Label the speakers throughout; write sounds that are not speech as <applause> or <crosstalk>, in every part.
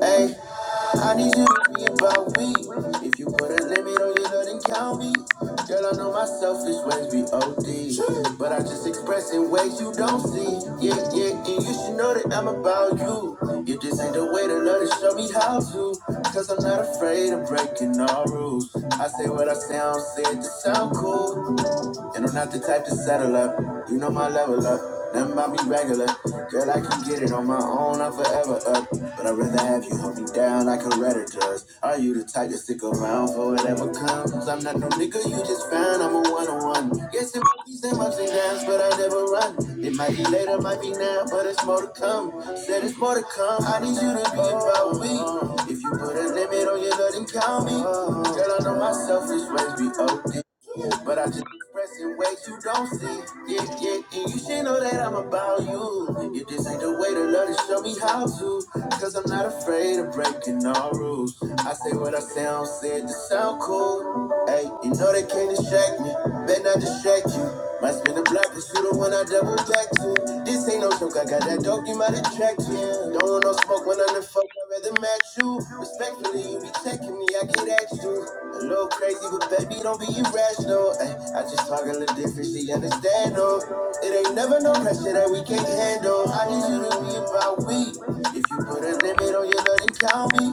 Speaker 1: Hey, I need you to be about me. If you put a limit on your love, then count me. Girl, I know my selfish ways be OD. Sure. But I just express in ways you don't see. Yeah, yeah, and you should know that I'm about you. You just ain't the way to love to show me how to. Cause I'm not afraid of breaking all rules. I say what I say, I don't say it to sound cool. And I'm not the type to settle up. You know my level up. Nothing about me regular. Girl, I can get it on my own. I'm forever up. But I'd rather have you hold me down like a redder does. Are you the type to stick around for whatever comes? I'm not no nigga you just found. I'm a one on one. Yes, it might be some ups and downs, but I never run. It might be later, might be now, but it's more to come. Said it's more to come. I need you to be about me. If you put a limit on your love, then count me. Girl, I know my selfish ways be OD. But I just expressing ways you don't see. Yeah, yeah, and you should know that I'm about you. If this ain't the way to love, to show me how to. Cause I'm not afraid of breaking all rules. I say what I say, I don't say it to sound cool. Hey, you know they can't distract me. Better not distract you. Might spin the block, cause you the one I double back to. This ain't no joke, I got that dope, you might attract you. Don't want no smoke when I'm the fuck, I'd rather match you you. Respectfully, you be checking me, I get at you. A little crazy, but baby, don't be irrational. Ay, I just talk a little different, she understand, though. It ain't never no pressure that we can't handle. I need you to be about we. If you put a limit on your love, then count me.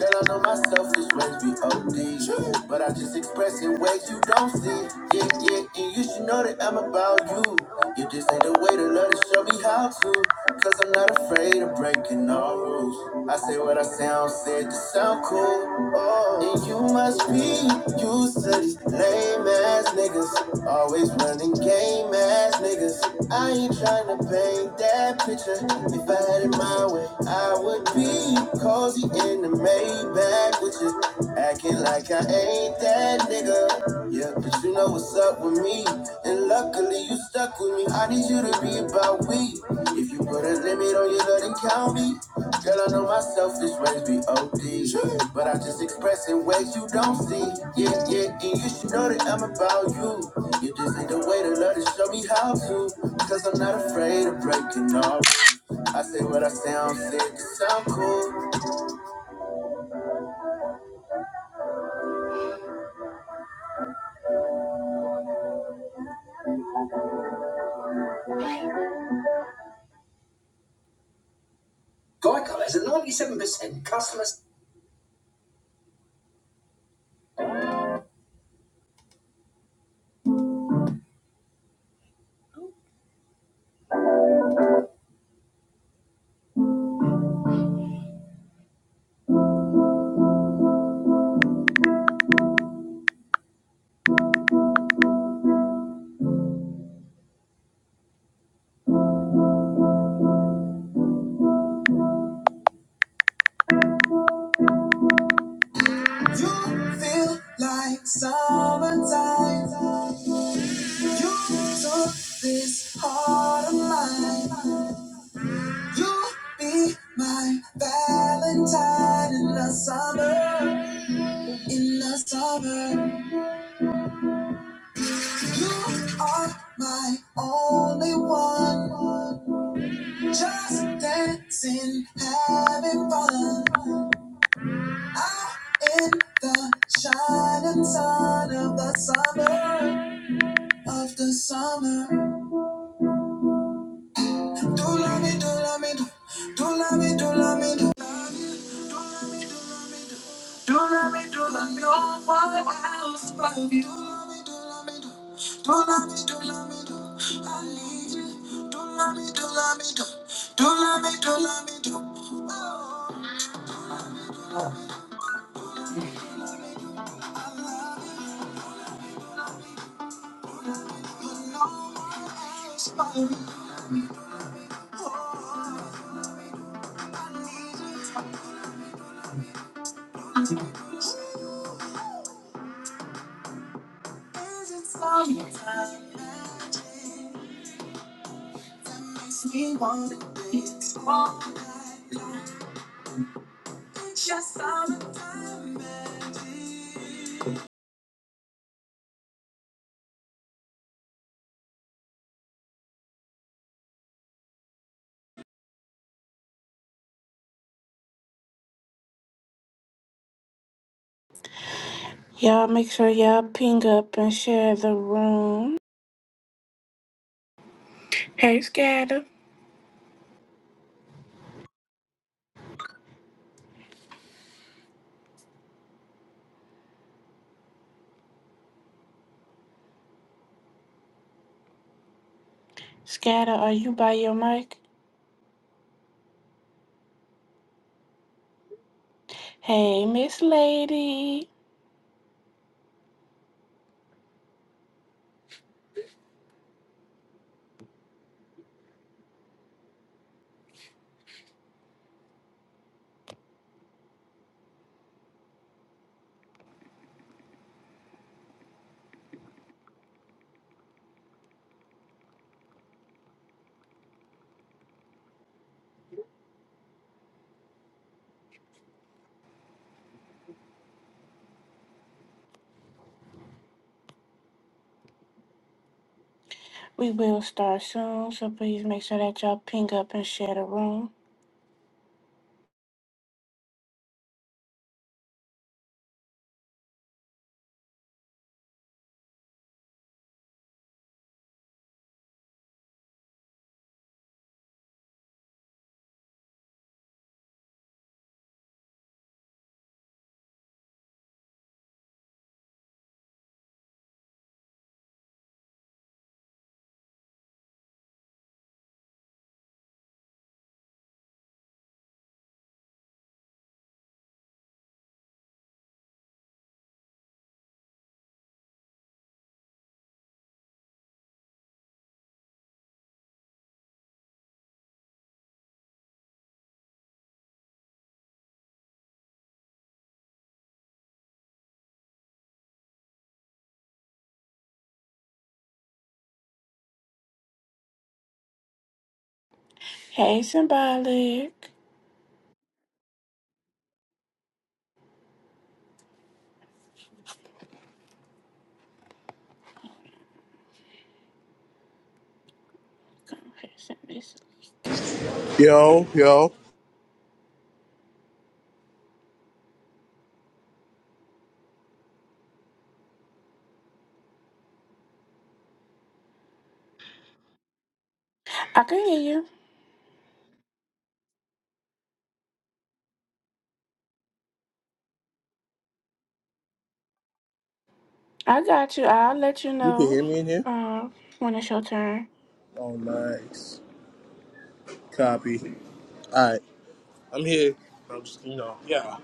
Speaker 1: Girl, I know my selfish ways be OD. But I just express in ways you don't see. Yeah, yeah, and you should know that I'm about you. You just ain't the way to love willing to show me how to, cause I'm not afraid of breaking all rules. I say what I sound, said to sound cool. Oh, and you must be used to these lame ass niggas, always running game ass niggas. I ain't tryna paint that picture. If I had it my way, I would be cozy in the Maybach with you, acting like I ain't that nigga. Yeah, but you know what's up with me. And luckily you stuck with me. I need you to be about we. If you put a limit on your love, then count me. Girl, I know my selfish ways be OD. Sure. But I just express in ways you don't see. Yeah, yeah, and you should know that I'm about you. You just ain't the way to love to show me how to. Cause I'm not afraid of breaking all I say what I say, I'm sick, sound cool. Geico has a 97% customer You feel like summertime. You took this heart of mine. You'll be my Valentine in the summer. In the summer, you are my only one. Just dancing, having fun. Out in the shining sun of the summer, of the summer. Do love me, do love me, do do love me, do love me, do love me. Do love me, do love me, oh, what else but you? Do love me, do love me, do do love me, do love me, do I need you. Do love me, do love me, do do love me, do love me, do. Oh, it's Is it summertime? Makes me want to dance. Oh, it's just summertime. Y'all make sure y'all ping up and share the room. Hey, Scatter. Scatter, are you by your mic? Hey, Miss Lady. We will start soon, so please make sure that y'all ping up and share the room. Hey, Symbolic. Come here, send this link.
Speaker 2: Yo, yo,
Speaker 1: I can hear you. I got you. I'll let you
Speaker 2: you can
Speaker 1: know
Speaker 2: hear me in here?
Speaker 1: uh, when it's your turn.
Speaker 2: Oh, nice. Copy. All right, I'm here. I'm just, you know, yeah.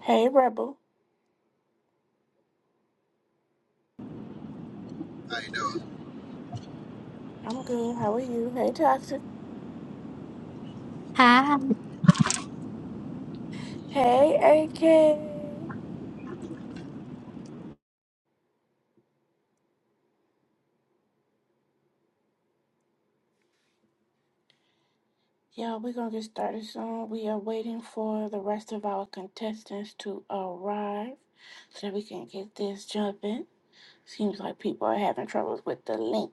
Speaker 1: Hey, Rebel. I'm good. How are you? Hey, Toxic.
Speaker 3: Hi.
Speaker 1: Hey, AK. Yeah, we're gonna get started soon. We are waiting for the rest of our contestants to arrive so that we can get this jumping. Seems like people are having troubles with the link.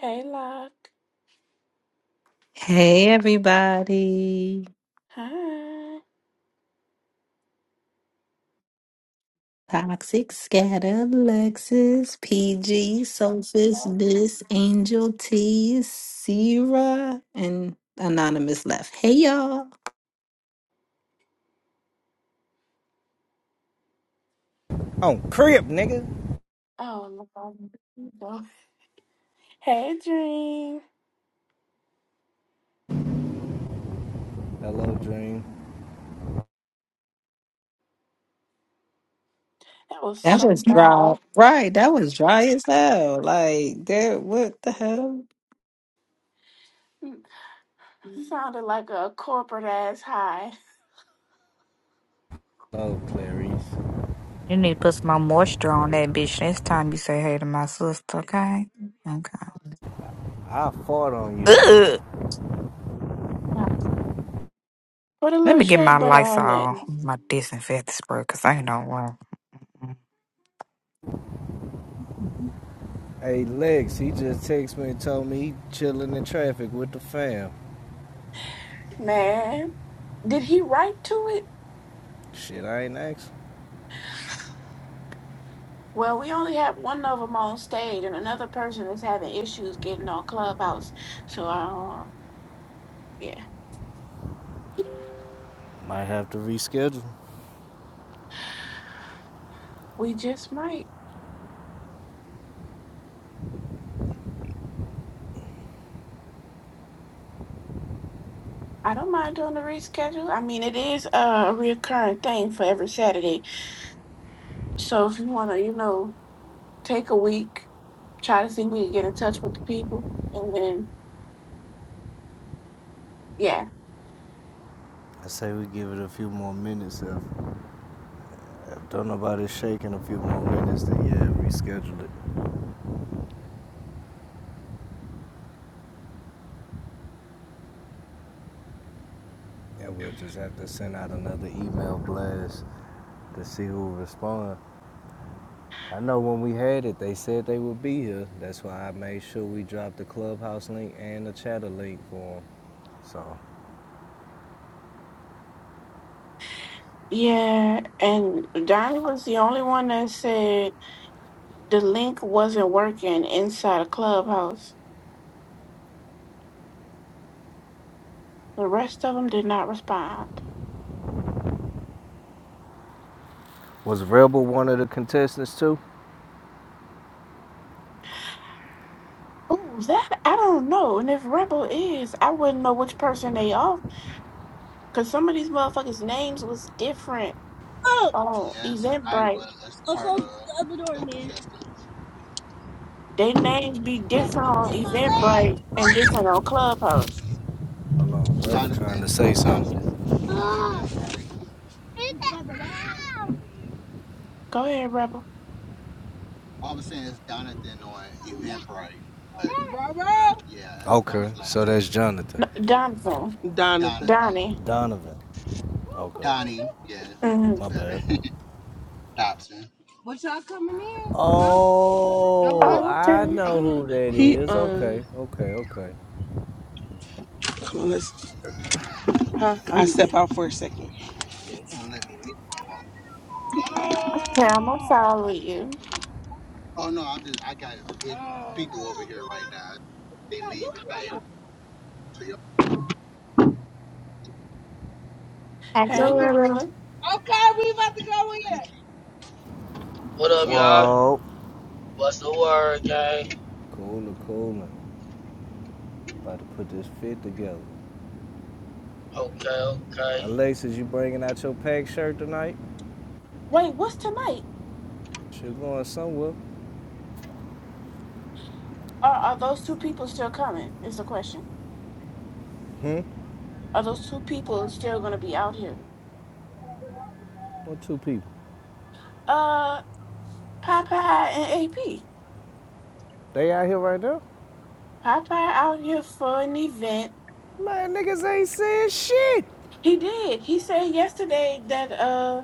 Speaker 1: Hey, Lock.
Speaker 4: Hey everybody.
Speaker 1: Hi.
Speaker 4: Toxic Scatter, Lexus, PG, Sophus, Bliss, Angel T, Sierra, and Anonymous left. Hey y'all.
Speaker 5: On crib, nigga.
Speaker 1: Oh, Lord. Hey, Dream.
Speaker 5: Hello, Dream.
Speaker 1: That was
Speaker 4: That
Speaker 1: so
Speaker 4: was <laughs> dry.
Speaker 1: dry.
Speaker 4: Right. That was dry as hell. Like that what the hell?
Speaker 1: Sounded like a corporate ass high.
Speaker 5: Hello, Clarice.
Speaker 3: You need to put some more moisture on that bitch next time you say hey to my sister, okay?
Speaker 5: I fought on you.
Speaker 3: Okay. Ugh.
Speaker 1: Put a
Speaker 3: Let
Speaker 1: little
Speaker 3: me get
Speaker 1: shea
Speaker 3: my
Speaker 1: butter on that,
Speaker 3: Lysol, my disinfectant spray, because I ain't no one. want.
Speaker 5: Hey, Lex, he just texted me and told me he chilling in traffic with the fam.
Speaker 1: man. Did he write to it?
Speaker 5: Shit, I ain't asking.
Speaker 1: Well, we only have one of them on stage, and another person is having issues getting on Clubhouse. So, um, yeah,
Speaker 5: Might have to reschedule.
Speaker 1: we just might. I don't mind doing the reschedule. I mean, it is uh, a recurring thing for every Saturday. So, if you want to, you know, take a week, try to see if we can get in touch with the people, and then, yeah.
Speaker 5: I say we give it a few more minutes. If, if don't nobody shaking a few more minutes, then yeah, reschedule it. And yeah, we'll just have to send out another email blast to see who responds. I know when we had it, they said they would be here. That's why I made sure we dropped the clubhouse link and the chatter link for them. So,
Speaker 1: Yeah, and Donnie was the only one that said the link wasn't working inside a clubhouse. The rest of them did not respond.
Speaker 5: was Rebel one of the contestants too?
Speaker 1: Ooh, that I don't know. And if Rebel is, I wouldn't know which person they are because some of these motherfuckers' names was different on Eventbrite. They names be different on Eventbrite and different on Clubhouse.
Speaker 5: Hold on, Rebel trying to say something.
Speaker 1: Go ahead, Rebel.
Speaker 5: Okay, so that's Jonathan.
Speaker 1: No, Donovan,
Speaker 6: Donovan.
Speaker 1: Donnie.
Speaker 5: Donovan. Okay, my
Speaker 1: Mhm.
Speaker 5: bad. Oh,
Speaker 6: Donovan.
Speaker 1: Oh,
Speaker 5: I
Speaker 1: okay.
Speaker 5: know who that
Speaker 6: He
Speaker 5: is.
Speaker 6: um
Speaker 5: Okay, okay, okay.
Speaker 6: come on, let's huh? I step out for a second. Okay,
Speaker 1: Okay, I'm gonna follow you.
Speaker 3: That's a
Speaker 1: Hey,
Speaker 3: little.
Speaker 1: Gorilla.
Speaker 6: we about to go in.
Speaker 7: What up, y'all?
Speaker 5: Whoa.
Speaker 7: What's the word, gang?
Speaker 5: Cooler, cooler. About to put this fit together.
Speaker 7: Okay, okay.
Speaker 5: Alexis, you bringing out your pack shirt tonight?
Speaker 1: Wait, what's tonight?
Speaker 5: You're going somewhere.
Speaker 1: Are, are those two people still coming? Is the question.
Speaker 5: Hmm?
Speaker 1: Are those two people still gonna be out here?
Speaker 5: Or two people.
Speaker 1: Uh. Popeye and AP.
Speaker 5: They out here right now?
Speaker 1: Popeye out here for an event.
Speaker 5: Man, niggas ain't saying shit.
Speaker 1: He did. He said yesterday that uh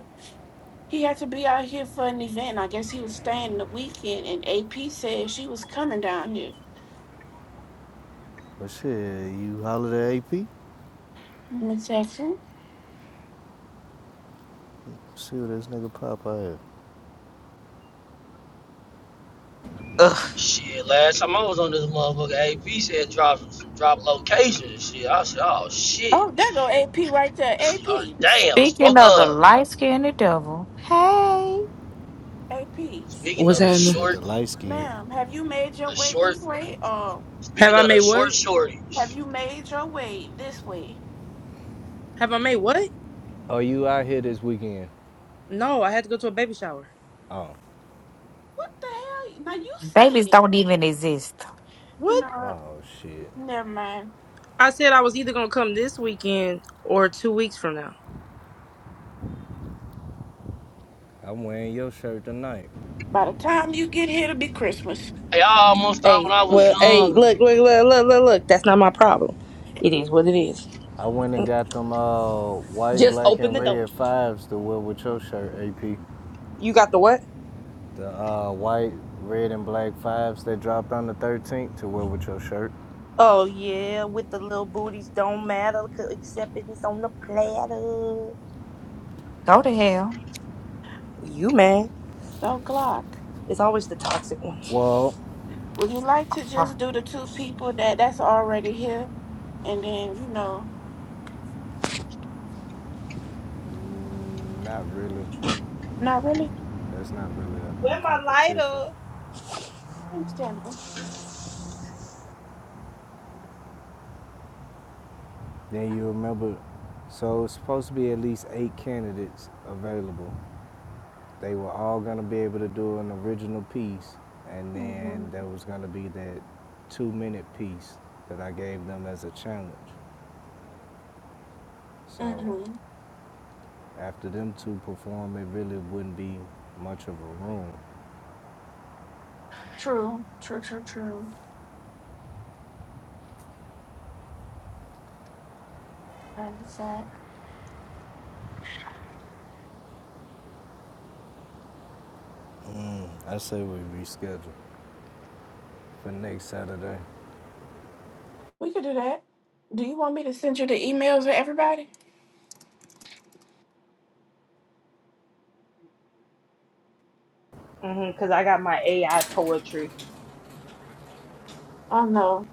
Speaker 1: he had to be out here for an event. I guess he was staying the weekend, and AP said she was coming down here.
Speaker 5: But shit, you holler at AP,
Speaker 1: Let me text him.
Speaker 5: see what this nigga pop out. here.
Speaker 3: Ugh.
Speaker 7: Shit, last time I was on this motherfucker, AP said drop drop location and shit. I said, oh shit.
Speaker 1: Oh,
Speaker 7: <laughs>
Speaker 1: there go AP right there.
Speaker 7: Oh,
Speaker 1: AP,
Speaker 7: damn,
Speaker 3: Speaking
Speaker 7: spoke
Speaker 3: of the
Speaker 7: up.
Speaker 3: light skinned devil, hey.
Speaker 1: AP,
Speaker 7: Speaking
Speaker 8: What's
Speaker 7: of
Speaker 5: Now
Speaker 7: the
Speaker 5: she
Speaker 8: happening?
Speaker 5: said
Speaker 7: short,
Speaker 5: the light skin. one.
Speaker 1: ma'am, have you made your
Speaker 7: the
Speaker 1: way
Speaker 7: short,
Speaker 1: this way, or
Speaker 8: Have
Speaker 7: speaking
Speaker 8: I
Speaker 7: of the
Speaker 8: made
Speaker 7: short
Speaker 8: what?
Speaker 1: have
Speaker 7: shortage.
Speaker 1: you made your way this way?
Speaker 8: Have I made what?
Speaker 5: Oh, you out here this weekend?
Speaker 8: No, I had to go to a baby shower.
Speaker 5: Oh.
Speaker 1: What the hell? Now you
Speaker 3: Babies
Speaker 1: said it.
Speaker 3: don't even exist.
Speaker 1: You
Speaker 8: What?
Speaker 1: know,
Speaker 5: Oh, shit.
Speaker 1: never mind.
Speaker 8: I said I was either gonna come this weekend or two weeks from now.
Speaker 5: I'm wearing your shirt tonight.
Speaker 1: By the time you get here, it'll be Christmas.
Speaker 7: Hey, I almost thought
Speaker 8: Hey,
Speaker 7: when I was
Speaker 8: well, hey, look,
Speaker 7: young.
Speaker 8: look, look, look, look, look. That's not my problem. It is what it is.
Speaker 5: I went and got them uh, white,
Speaker 8: Just
Speaker 5: black,
Speaker 8: open
Speaker 5: and
Speaker 8: the door.
Speaker 5: red fives to wear with your shirt, AP.
Speaker 8: You got the what?
Speaker 5: The uh, white, red, and black fives that dropped on the 13th to wear with your shirt.
Speaker 8: Oh yeah, with the little booties don't matter 'cause- except if it's on the platter.
Speaker 3: Go to hell.
Speaker 8: You man,
Speaker 1: So o'clock.
Speaker 8: it's always the toxic ones.
Speaker 5: Well,
Speaker 1: Would you like to
Speaker 3: Oh,
Speaker 1: just do the two people that that's already here, and then you know,
Speaker 5: Mm, not really.
Speaker 1: not really
Speaker 5: That's not really
Speaker 8: Where
Speaker 5: a
Speaker 8: my
Speaker 5: competition.
Speaker 8: lighter?
Speaker 1: understandable.
Speaker 5: Then you remember, so it's supposed to be at least eight candidates available. They were all gonna be able to do an original piece, and then
Speaker 1: Mhm.
Speaker 5: there was gonna be that two-minute piece that I gave them as a challenge. So
Speaker 1: Mhm.
Speaker 5: after them two perform, it really wouldn't be much of a room.
Speaker 1: True. True. True. True. That is that.
Speaker 5: I say we reschedule for next Saturday.
Speaker 1: We could do that. Do you want me to send you the emails to everybody?
Speaker 8: Mm-hmm, Cause I got my AI poetry,
Speaker 1: Oh no,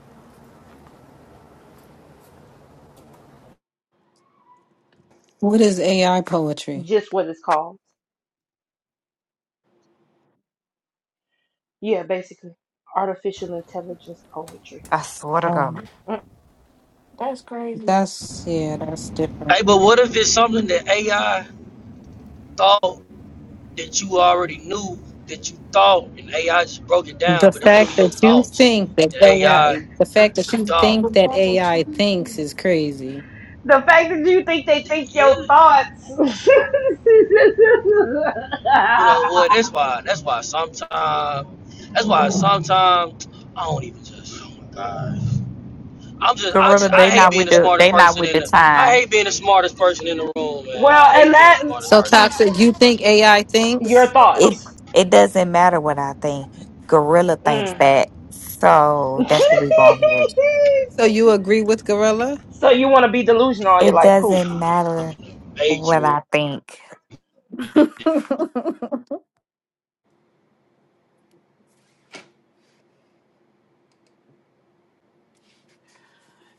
Speaker 4: What is AI poetry?
Speaker 8: just what it's called. Yeah, basically. Artificial intelligence poetry.
Speaker 3: I swear to
Speaker 4: Um,
Speaker 3: God.
Speaker 8: Mm.
Speaker 1: that's crazy.
Speaker 4: that's yeah, that's different.
Speaker 7: Hey, but what if it's something that AI thought that you already knew that you thought and AI just broke it
Speaker 4: The
Speaker 7: down,
Speaker 8: <laughs>
Speaker 7: but it's
Speaker 4: fact
Speaker 7: really your
Speaker 4: that
Speaker 8: the
Speaker 4: you
Speaker 7: thoughts
Speaker 4: think that
Speaker 7: that AI
Speaker 4: AI the fact that you
Speaker 7: thought.
Speaker 1: The
Speaker 4: think that
Speaker 1: bunch of
Speaker 4: AI
Speaker 1: children.
Speaker 4: thinks is crazy.
Speaker 8: fact that you think they think
Speaker 7: yeah,
Speaker 8: your thoughts. <laughs>
Speaker 7: you know what? That's why. That's why sometimes. That's why sometimes I don't even just. Oh my gosh. I'm just. I
Speaker 3: Gorilla,
Speaker 7: just. I
Speaker 3: they
Speaker 7: hate
Speaker 3: not
Speaker 7: being
Speaker 3: with
Speaker 7: the
Speaker 3: the
Speaker 7: smartest
Speaker 3: they not
Speaker 7: person
Speaker 3: with
Speaker 7: in
Speaker 3: the
Speaker 7: the. I
Speaker 3: time.
Speaker 7: hate being the smartest person in the room, man.
Speaker 8: well,
Speaker 7: I
Speaker 8: and
Speaker 7: hate being the
Speaker 8: that
Speaker 7: smartest
Speaker 4: So
Speaker 7: person in the
Speaker 4: toxic,
Speaker 7: room.
Speaker 4: you think AI
Speaker 8: your
Speaker 4: thinks?
Speaker 3: It
Speaker 8: thoughts.
Speaker 3: it doesn't matter what I think. Gorilla thinks
Speaker 8: Mm.
Speaker 3: that. So
Speaker 8: <laughs>
Speaker 3: that's the we going with.
Speaker 4: So you agree with Gorilla?
Speaker 8: so you want to be delusional all your
Speaker 3: It
Speaker 8: life? Cool.
Speaker 3: doesn't
Speaker 7: I'm in
Speaker 3: matter
Speaker 7: the
Speaker 3: what I
Speaker 7: matrix.
Speaker 3: think.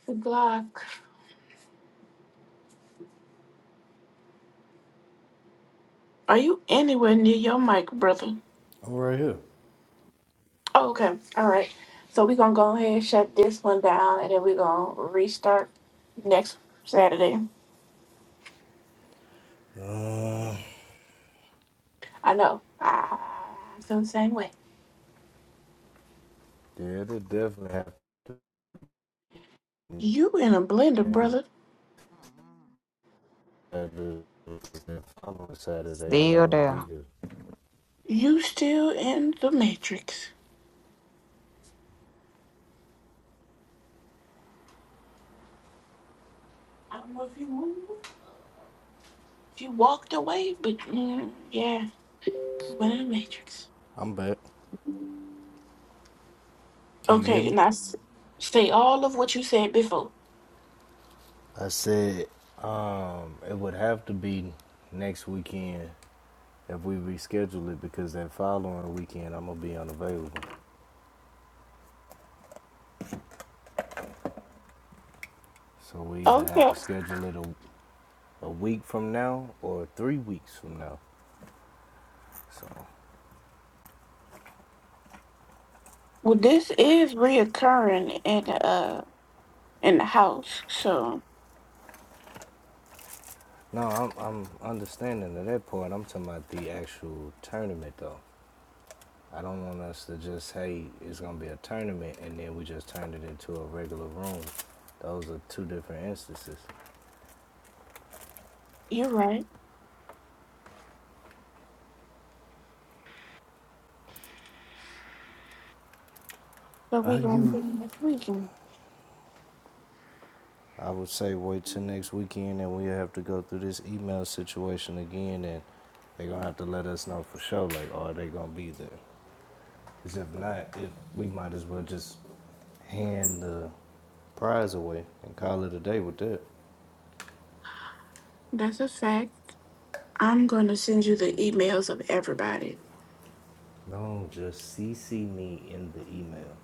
Speaker 1: The Glock. Are you anywhere near your mic, brother?
Speaker 5: I'm right here.
Speaker 1: Oh, okay. All right. So we're gonna go ahead and shut this one down, and then we're gonna restart next Saturday.
Speaker 5: Uh,
Speaker 1: I know. I I feel the same way.
Speaker 5: Yeah, it'll definitely
Speaker 1: You in a blender,
Speaker 5: happen.
Speaker 1: brother.
Speaker 5: Saturday, I'm on Saturday. I'm not
Speaker 3: Still
Speaker 5: gonna
Speaker 3: there.
Speaker 5: be here.
Speaker 1: You still in the matrix. I don't know if you moved, if you walked away, but mm, yeah, you went in the matrix.
Speaker 5: I'm back. Can you hear
Speaker 1: Okay,
Speaker 5: me?
Speaker 1: now I s- say all of what you said before.
Speaker 5: I said um, it would have to be next weekend if we reschedule it because that following weekend I'm gonna be unavailable. So we either have
Speaker 1: Okay.
Speaker 5: to schedule it a, a week from now or three weeks from now. So
Speaker 1: Well, this is reoccurring in uh in the house, so
Speaker 5: no, I'm I'm understanding at that point. I'm talking about the actual tournament though. I don't want us to just hey, it's gonna be a tournament, and then we just turned it into a regular room. Those are two different instances.
Speaker 1: you're right. So we
Speaker 5: I
Speaker 1: gonna
Speaker 5: give.
Speaker 1: be next weekend.
Speaker 5: I would say wait till next weekend, and we have to go through this email situation again, and they're gonna have to let us know for sure. Like, are they gonna be there? 'Cause if not, if we might as well just hand the prize away and call it a day with that.
Speaker 1: That's a fact. I'm gonna send you the emails of everybody.
Speaker 5: No, just CC me in the email.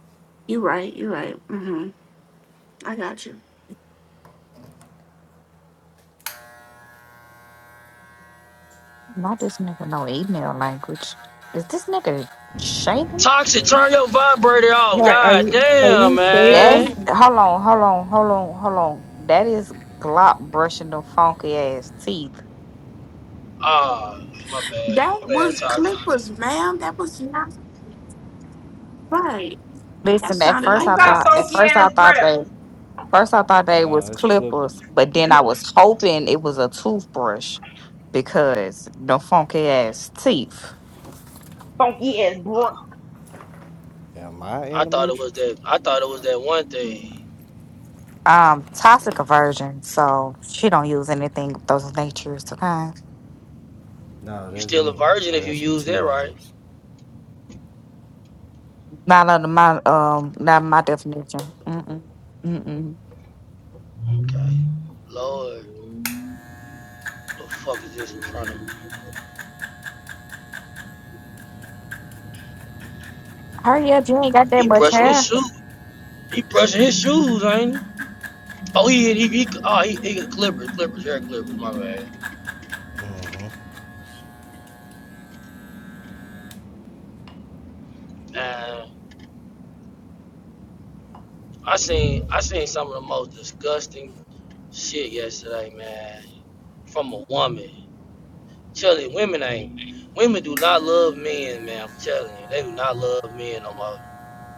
Speaker 1: You're right. You're right. Mm-hmm. I got you.
Speaker 3: Not this nigga no email language. Is this nigga shaving?
Speaker 7: Toxic. Turn your vibrator off.
Speaker 4: Right. Are
Speaker 7: God
Speaker 4: you are
Speaker 5: Yep.
Speaker 7: damn,
Speaker 4: you
Speaker 3: That's
Speaker 7: man.
Speaker 4: saving?
Speaker 3: hold on, hold on, hold on, hold on. That is Glock brushing them funky ass teeth.
Speaker 7: Ah, my bad.
Speaker 1: That
Speaker 7: My bad,
Speaker 1: was
Speaker 7: Toxic.
Speaker 1: Clippers, ma'am. That was not right. That
Speaker 3: Listen, at
Speaker 1: sounded
Speaker 3: first
Speaker 8: Who
Speaker 3: I
Speaker 1: like
Speaker 8: got
Speaker 3: thought
Speaker 5: Nah,
Speaker 3: at
Speaker 8: funky
Speaker 1: Clippers.
Speaker 3: first I
Speaker 8: ass
Speaker 3: thought
Speaker 8: breath?
Speaker 3: they first I thought they was
Speaker 5: nah, it's
Speaker 3: clippers,
Speaker 5: Clippers.
Speaker 3: but then I was hoping it was a toothbrush because the funky ass teeth.
Speaker 8: Funky ass breath.
Speaker 7: Ah,
Speaker 5: Am I in
Speaker 7: I
Speaker 5: the
Speaker 7: thought it was
Speaker 5: Matrix?
Speaker 7: that. I thought it was that one thing.
Speaker 3: um toxic
Speaker 5: So,
Speaker 3: aversion, so she don't use anything of those natures. Okay,
Speaker 5: No,
Speaker 7: You
Speaker 5: that's
Speaker 7: still a
Speaker 5: me.
Speaker 7: virgin
Speaker 5: I
Speaker 7: if you
Speaker 5: got some
Speaker 7: use
Speaker 5: T
Speaker 7: that, right?
Speaker 5: liners.
Speaker 3: not under my um, not my definition. Mm-mm. Mm-mm.
Speaker 7: Okay. Lord, what the fuck is this in front of me?
Speaker 3: Hurry up, you ain't got that
Speaker 7: He
Speaker 3: much
Speaker 7: brushing his
Speaker 3: hair.
Speaker 7: shoes. He brushing his shoes, ain't he? Oh, he he, he oh he, he clippers, clippers, hair clippers, my man. Nah, I seen I seen some of the most disgusting shit yesterday, man. From a woman. Telling you, women ain't women do not love men, man. I'm telling you, they do not love men no more.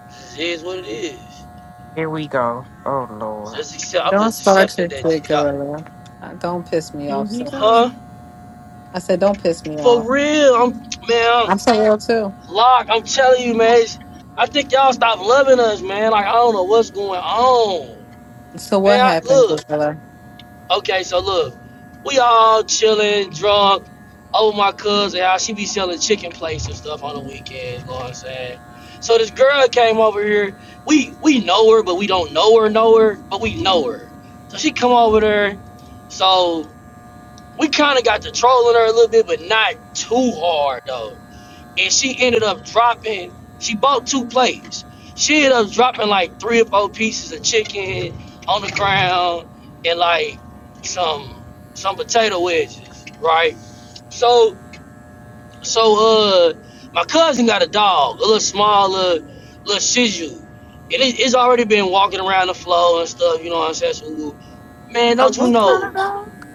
Speaker 7: This is what it is.
Speaker 3: Here we go. Oh Lord,
Speaker 7: Just accept. I'm
Speaker 4: Don't
Speaker 7: just
Speaker 4: start
Speaker 7: accepting
Speaker 4: shit with
Speaker 7: that y'all,
Speaker 4: Gorilla. Uh, Don't piss me
Speaker 1: Here
Speaker 4: off,
Speaker 1: we
Speaker 4: sir.
Speaker 7: huh?
Speaker 1: go.
Speaker 4: I said don't piss me off.
Speaker 7: For real, I'm man, lock.
Speaker 4: I'm so real too.
Speaker 7: I'm telling you, man. I think y'all stop loving us, man. Like I don't know what's going on,
Speaker 4: So what
Speaker 7: man. I,
Speaker 4: happened,
Speaker 7: look,
Speaker 4: Gorilla?
Speaker 7: okay, so look, we all chilling, drunk. Over my cousin, how she be selling chicken plates and stuff on the weekends. You know what I'm saying? So this girl came over here. We we know her, but we don't know her, know her, but we know her. So she come over there. So we kind of got to trolling her a little bit, but not too hard though and she ended up dropping. She bought two plates. She ended up dropping like three or four pieces of chicken on the ground and like some some potato wedges, right? So so uh, my cousin got a dog, a little small little, little Shih Tzu, and it, it's already been walking around the floor and stuff. You know what I'm saying? So, man,
Speaker 1: A
Speaker 7: don't you
Speaker 1: what kind of
Speaker 7: know?
Speaker 1: dog?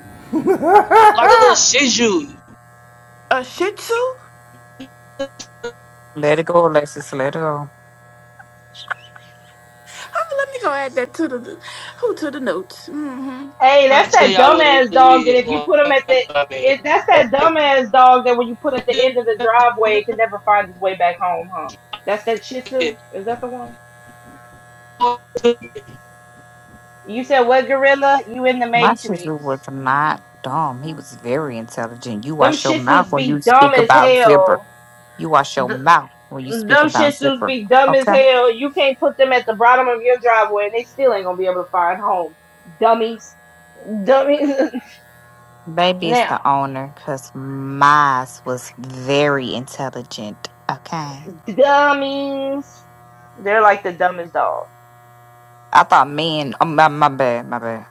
Speaker 7: Like a little Shih Tzu.
Speaker 1: A Shih Tzu? Oh,
Speaker 3: let it go, Alexis. Let it go.
Speaker 1: let me go add that to the who to the notes. Mm-hmm.
Speaker 8: Hey,
Speaker 7: I
Speaker 8: that's
Speaker 7: tell
Speaker 8: that
Speaker 7: y'all what it
Speaker 8: dumbass dog that
Speaker 7: is.
Speaker 8: if
Speaker 7: You
Speaker 8: you
Speaker 7: know
Speaker 8: put him
Speaker 7: what
Speaker 8: at the
Speaker 7: I
Speaker 8: if that's that dumbass dog that when you put at the
Speaker 7: mean?
Speaker 8: end of the driveway, it can never find its way back home, huh? That's that Shih Tzu.
Speaker 7: it.
Speaker 8: Is that the one?
Speaker 7: I
Speaker 8: You said what gorilla? You in the
Speaker 3: My chisel was
Speaker 8: Matrix?
Speaker 3: not dumb. He was very intelligent. You
Speaker 8: Them
Speaker 3: wash your
Speaker 8: Shih
Speaker 3: mouth
Speaker 8: Tzus
Speaker 3: when you
Speaker 8: be dumb
Speaker 3: speak
Speaker 8: as
Speaker 3: about zipper.
Speaker 8: hell.
Speaker 3: You wash your
Speaker 8: Th-
Speaker 3: mouth when you speak
Speaker 8: Them Shih
Speaker 3: about
Speaker 8: Tzus
Speaker 3: zipper.
Speaker 8: be dumb as
Speaker 3: okay?
Speaker 8: hell. You can't put them at the bottom of your driveway, and they still ain't gonna be able to find home. Dummies, dummies. <laughs>
Speaker 3: Maybe it's
Speaker 8: now,
Speaker 3: the owner because Miles was very intelligent. Okay.
Speaker 8: dummies. They're like the dumbest dogs.
Speaker 3: I thought men, oh, my, my bad, my bad.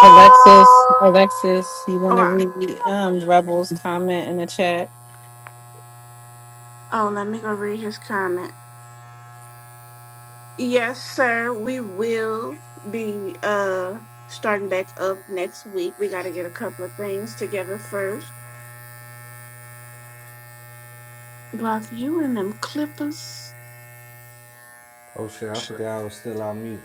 Speaker 4: Alexis, Alexis, you want
Speaker 1: All
Speaker 4: to
Speaker 1: right.
Speaker 4: read um Rebel's comment in the chat?
Speaker 1: Oh, let me go read his comment. Yes, sir. We will be uh starting back up next week. We got to get a couple of things together first. Block you and them Clippers.
Speaker 5: Oh shit, I forgot I was still on mute.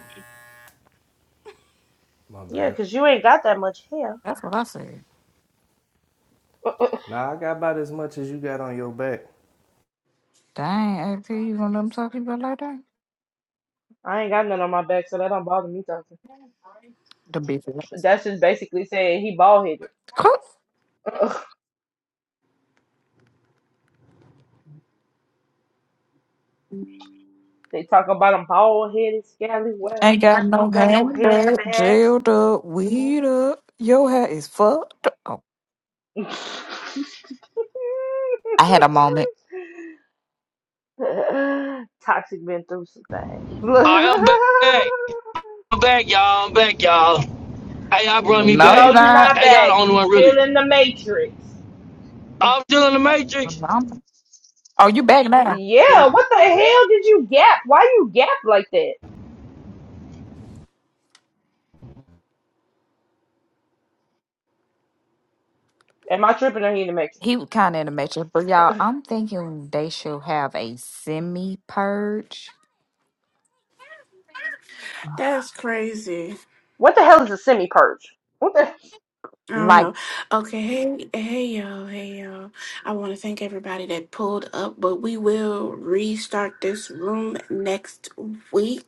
Speaker 5: My
Speaker 8: yeah,
Speaker 5: bad.
Speaker 8: because you ain't got that much hair.
Speaker 3: That's what I said.
Speaker 5: Nah, I got about as much as you got on your back.
Speaker 3: Dang, AP, you gonna let them talk to you about like that?
Speaker 8: I ain't got none on my back, so that don't bother me talking.
Speaker 3: The bitch ass.
Speaker 8: That's just basically saying he bald headed.
Speaker 3: Cook.
Speaker 8: <laughs> They talk about him bald headed, scallywag,
Speaker 3: Ain't got
Speaker 8: ain't
Speaker 3: no
Speaker 8: got no hair in the
Speaker 3: handbag,
Speaker 8: back.
Speaker 3: jailed up, weed up. Your hair is fucked up. Oh, I had a moment.
Speaker 8: <laughs> Toxic been through some things. <laughs>
Speaker 7: am back. I'm back, y'all. I'm back, y'all. Hey, y'all brought
Speaker 3: Well,
Speaker 8: N-
Speaker 7: me
Speaker 3: No,
Speaker 8: no,
Speaker 3: you're
Speaker 7: back.
Speaker 8: you're
Speaker 3: not.
Speaker 8: not
Speaker 7: Hey, y'all the
Speaker 8: back.
Speaker 7: only
Speaker 8: You
Speaker 7: one
Speaker 8: still
Speaker 7: really.
Speaker 8: in the matrix.
Speaker 7: I'm still in the Matrix.
Speaker 3: I'm- oh, you back now.
Speaker 7: I
Speaker 8: Yeah,
Speaker 7: mean,
Speaker 8: what the hell did you gap? Why you gap like that? Am I tripping or he in the mix?
Speaker 3: He was kind of in the matrix, but y'all, I'm thinking they should have a semi purge
Speaker 1: That's crazy.
Speaker 8: What the hell is a semi purge? What the
Speaker 1: I don't know. Okay, hey, hey, y'all, hey, y'all. I want to thank everybody that pulled up, but we will restart this room next week.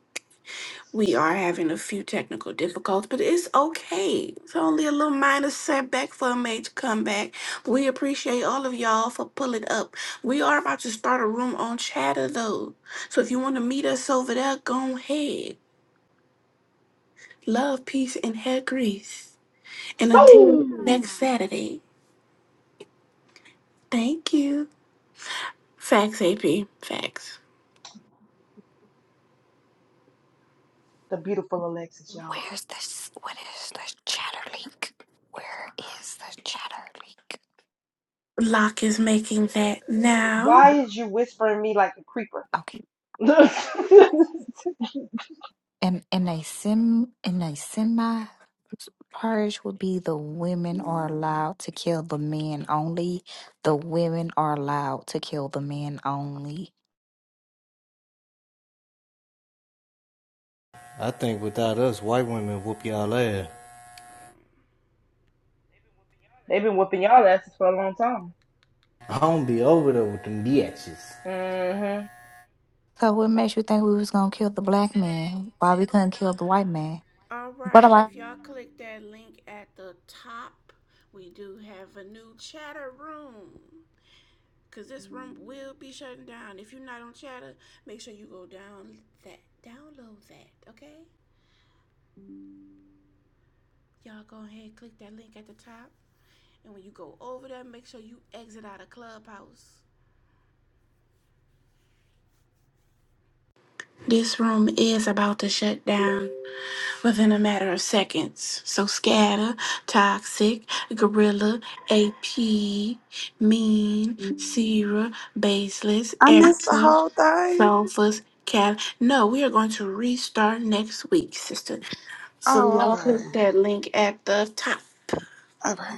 Speaker 1: We are having a few technical difficulties, but it's okay. It's only a little minor setback for a major comeback. We appreciate all of y'all for pulling up. We are about to start a room on Chatter, though. So if you want to meet us over there, go ahead. Love, peace, and hair grease. And until
Speaker 8: so
Speaker 1: next Saturday. Thank you. Facts, AP. Facts.
Speaker 8: the beautiful Alexis, y'all.
Speaker 3: Where's this? What is this chatter link? Where is the chatter link?
Speaker 1: Lock is making that now.
Speaker 8: Why is you whispering me like a creeper?
Speaker 3: Okay,
Speaker 8: <laughs>
Speaker 3: and and a sim in a semi purge would be the women are allowed to kill the men only. The women are allowed to kill the men only.
Speaker 5: I think without us, white women whoop y'all ass.
Speaker 8: They've been whooping y'all asses for a long time.
Speaker 5: I don't be over there with them bitches.
Speaker 8: hmm
Speaker 3: So what makes you think we was gonna kill the black man? Why we couldn't kill the white man?
Speaker 1: All right, if y'all click that link at the top, we do have a new chatter room. Cause this room will be shutting down. If you're not on chatter, make sure you go down that, download that, okay? Y'all go ahead, click that link at the top, and when you go over there, make sure you exit out of Clubhouse. This room is about to shut down. within a matter of seconds. So scatter, toxic, gorilla, AP, mean, Sierra, baseless,
Speaker 9: I missed the
Speaker 1: Erica,
Speaker 9: whole thing.
Speaker 1: Sophus, Cal. No, we are going to restart next week, sister. So
Speaker 9: Oh,
Speaker 1: y'all
Speaker 9: okay.
Speaker 1: click that link at the top.
Speaker 9: Okay.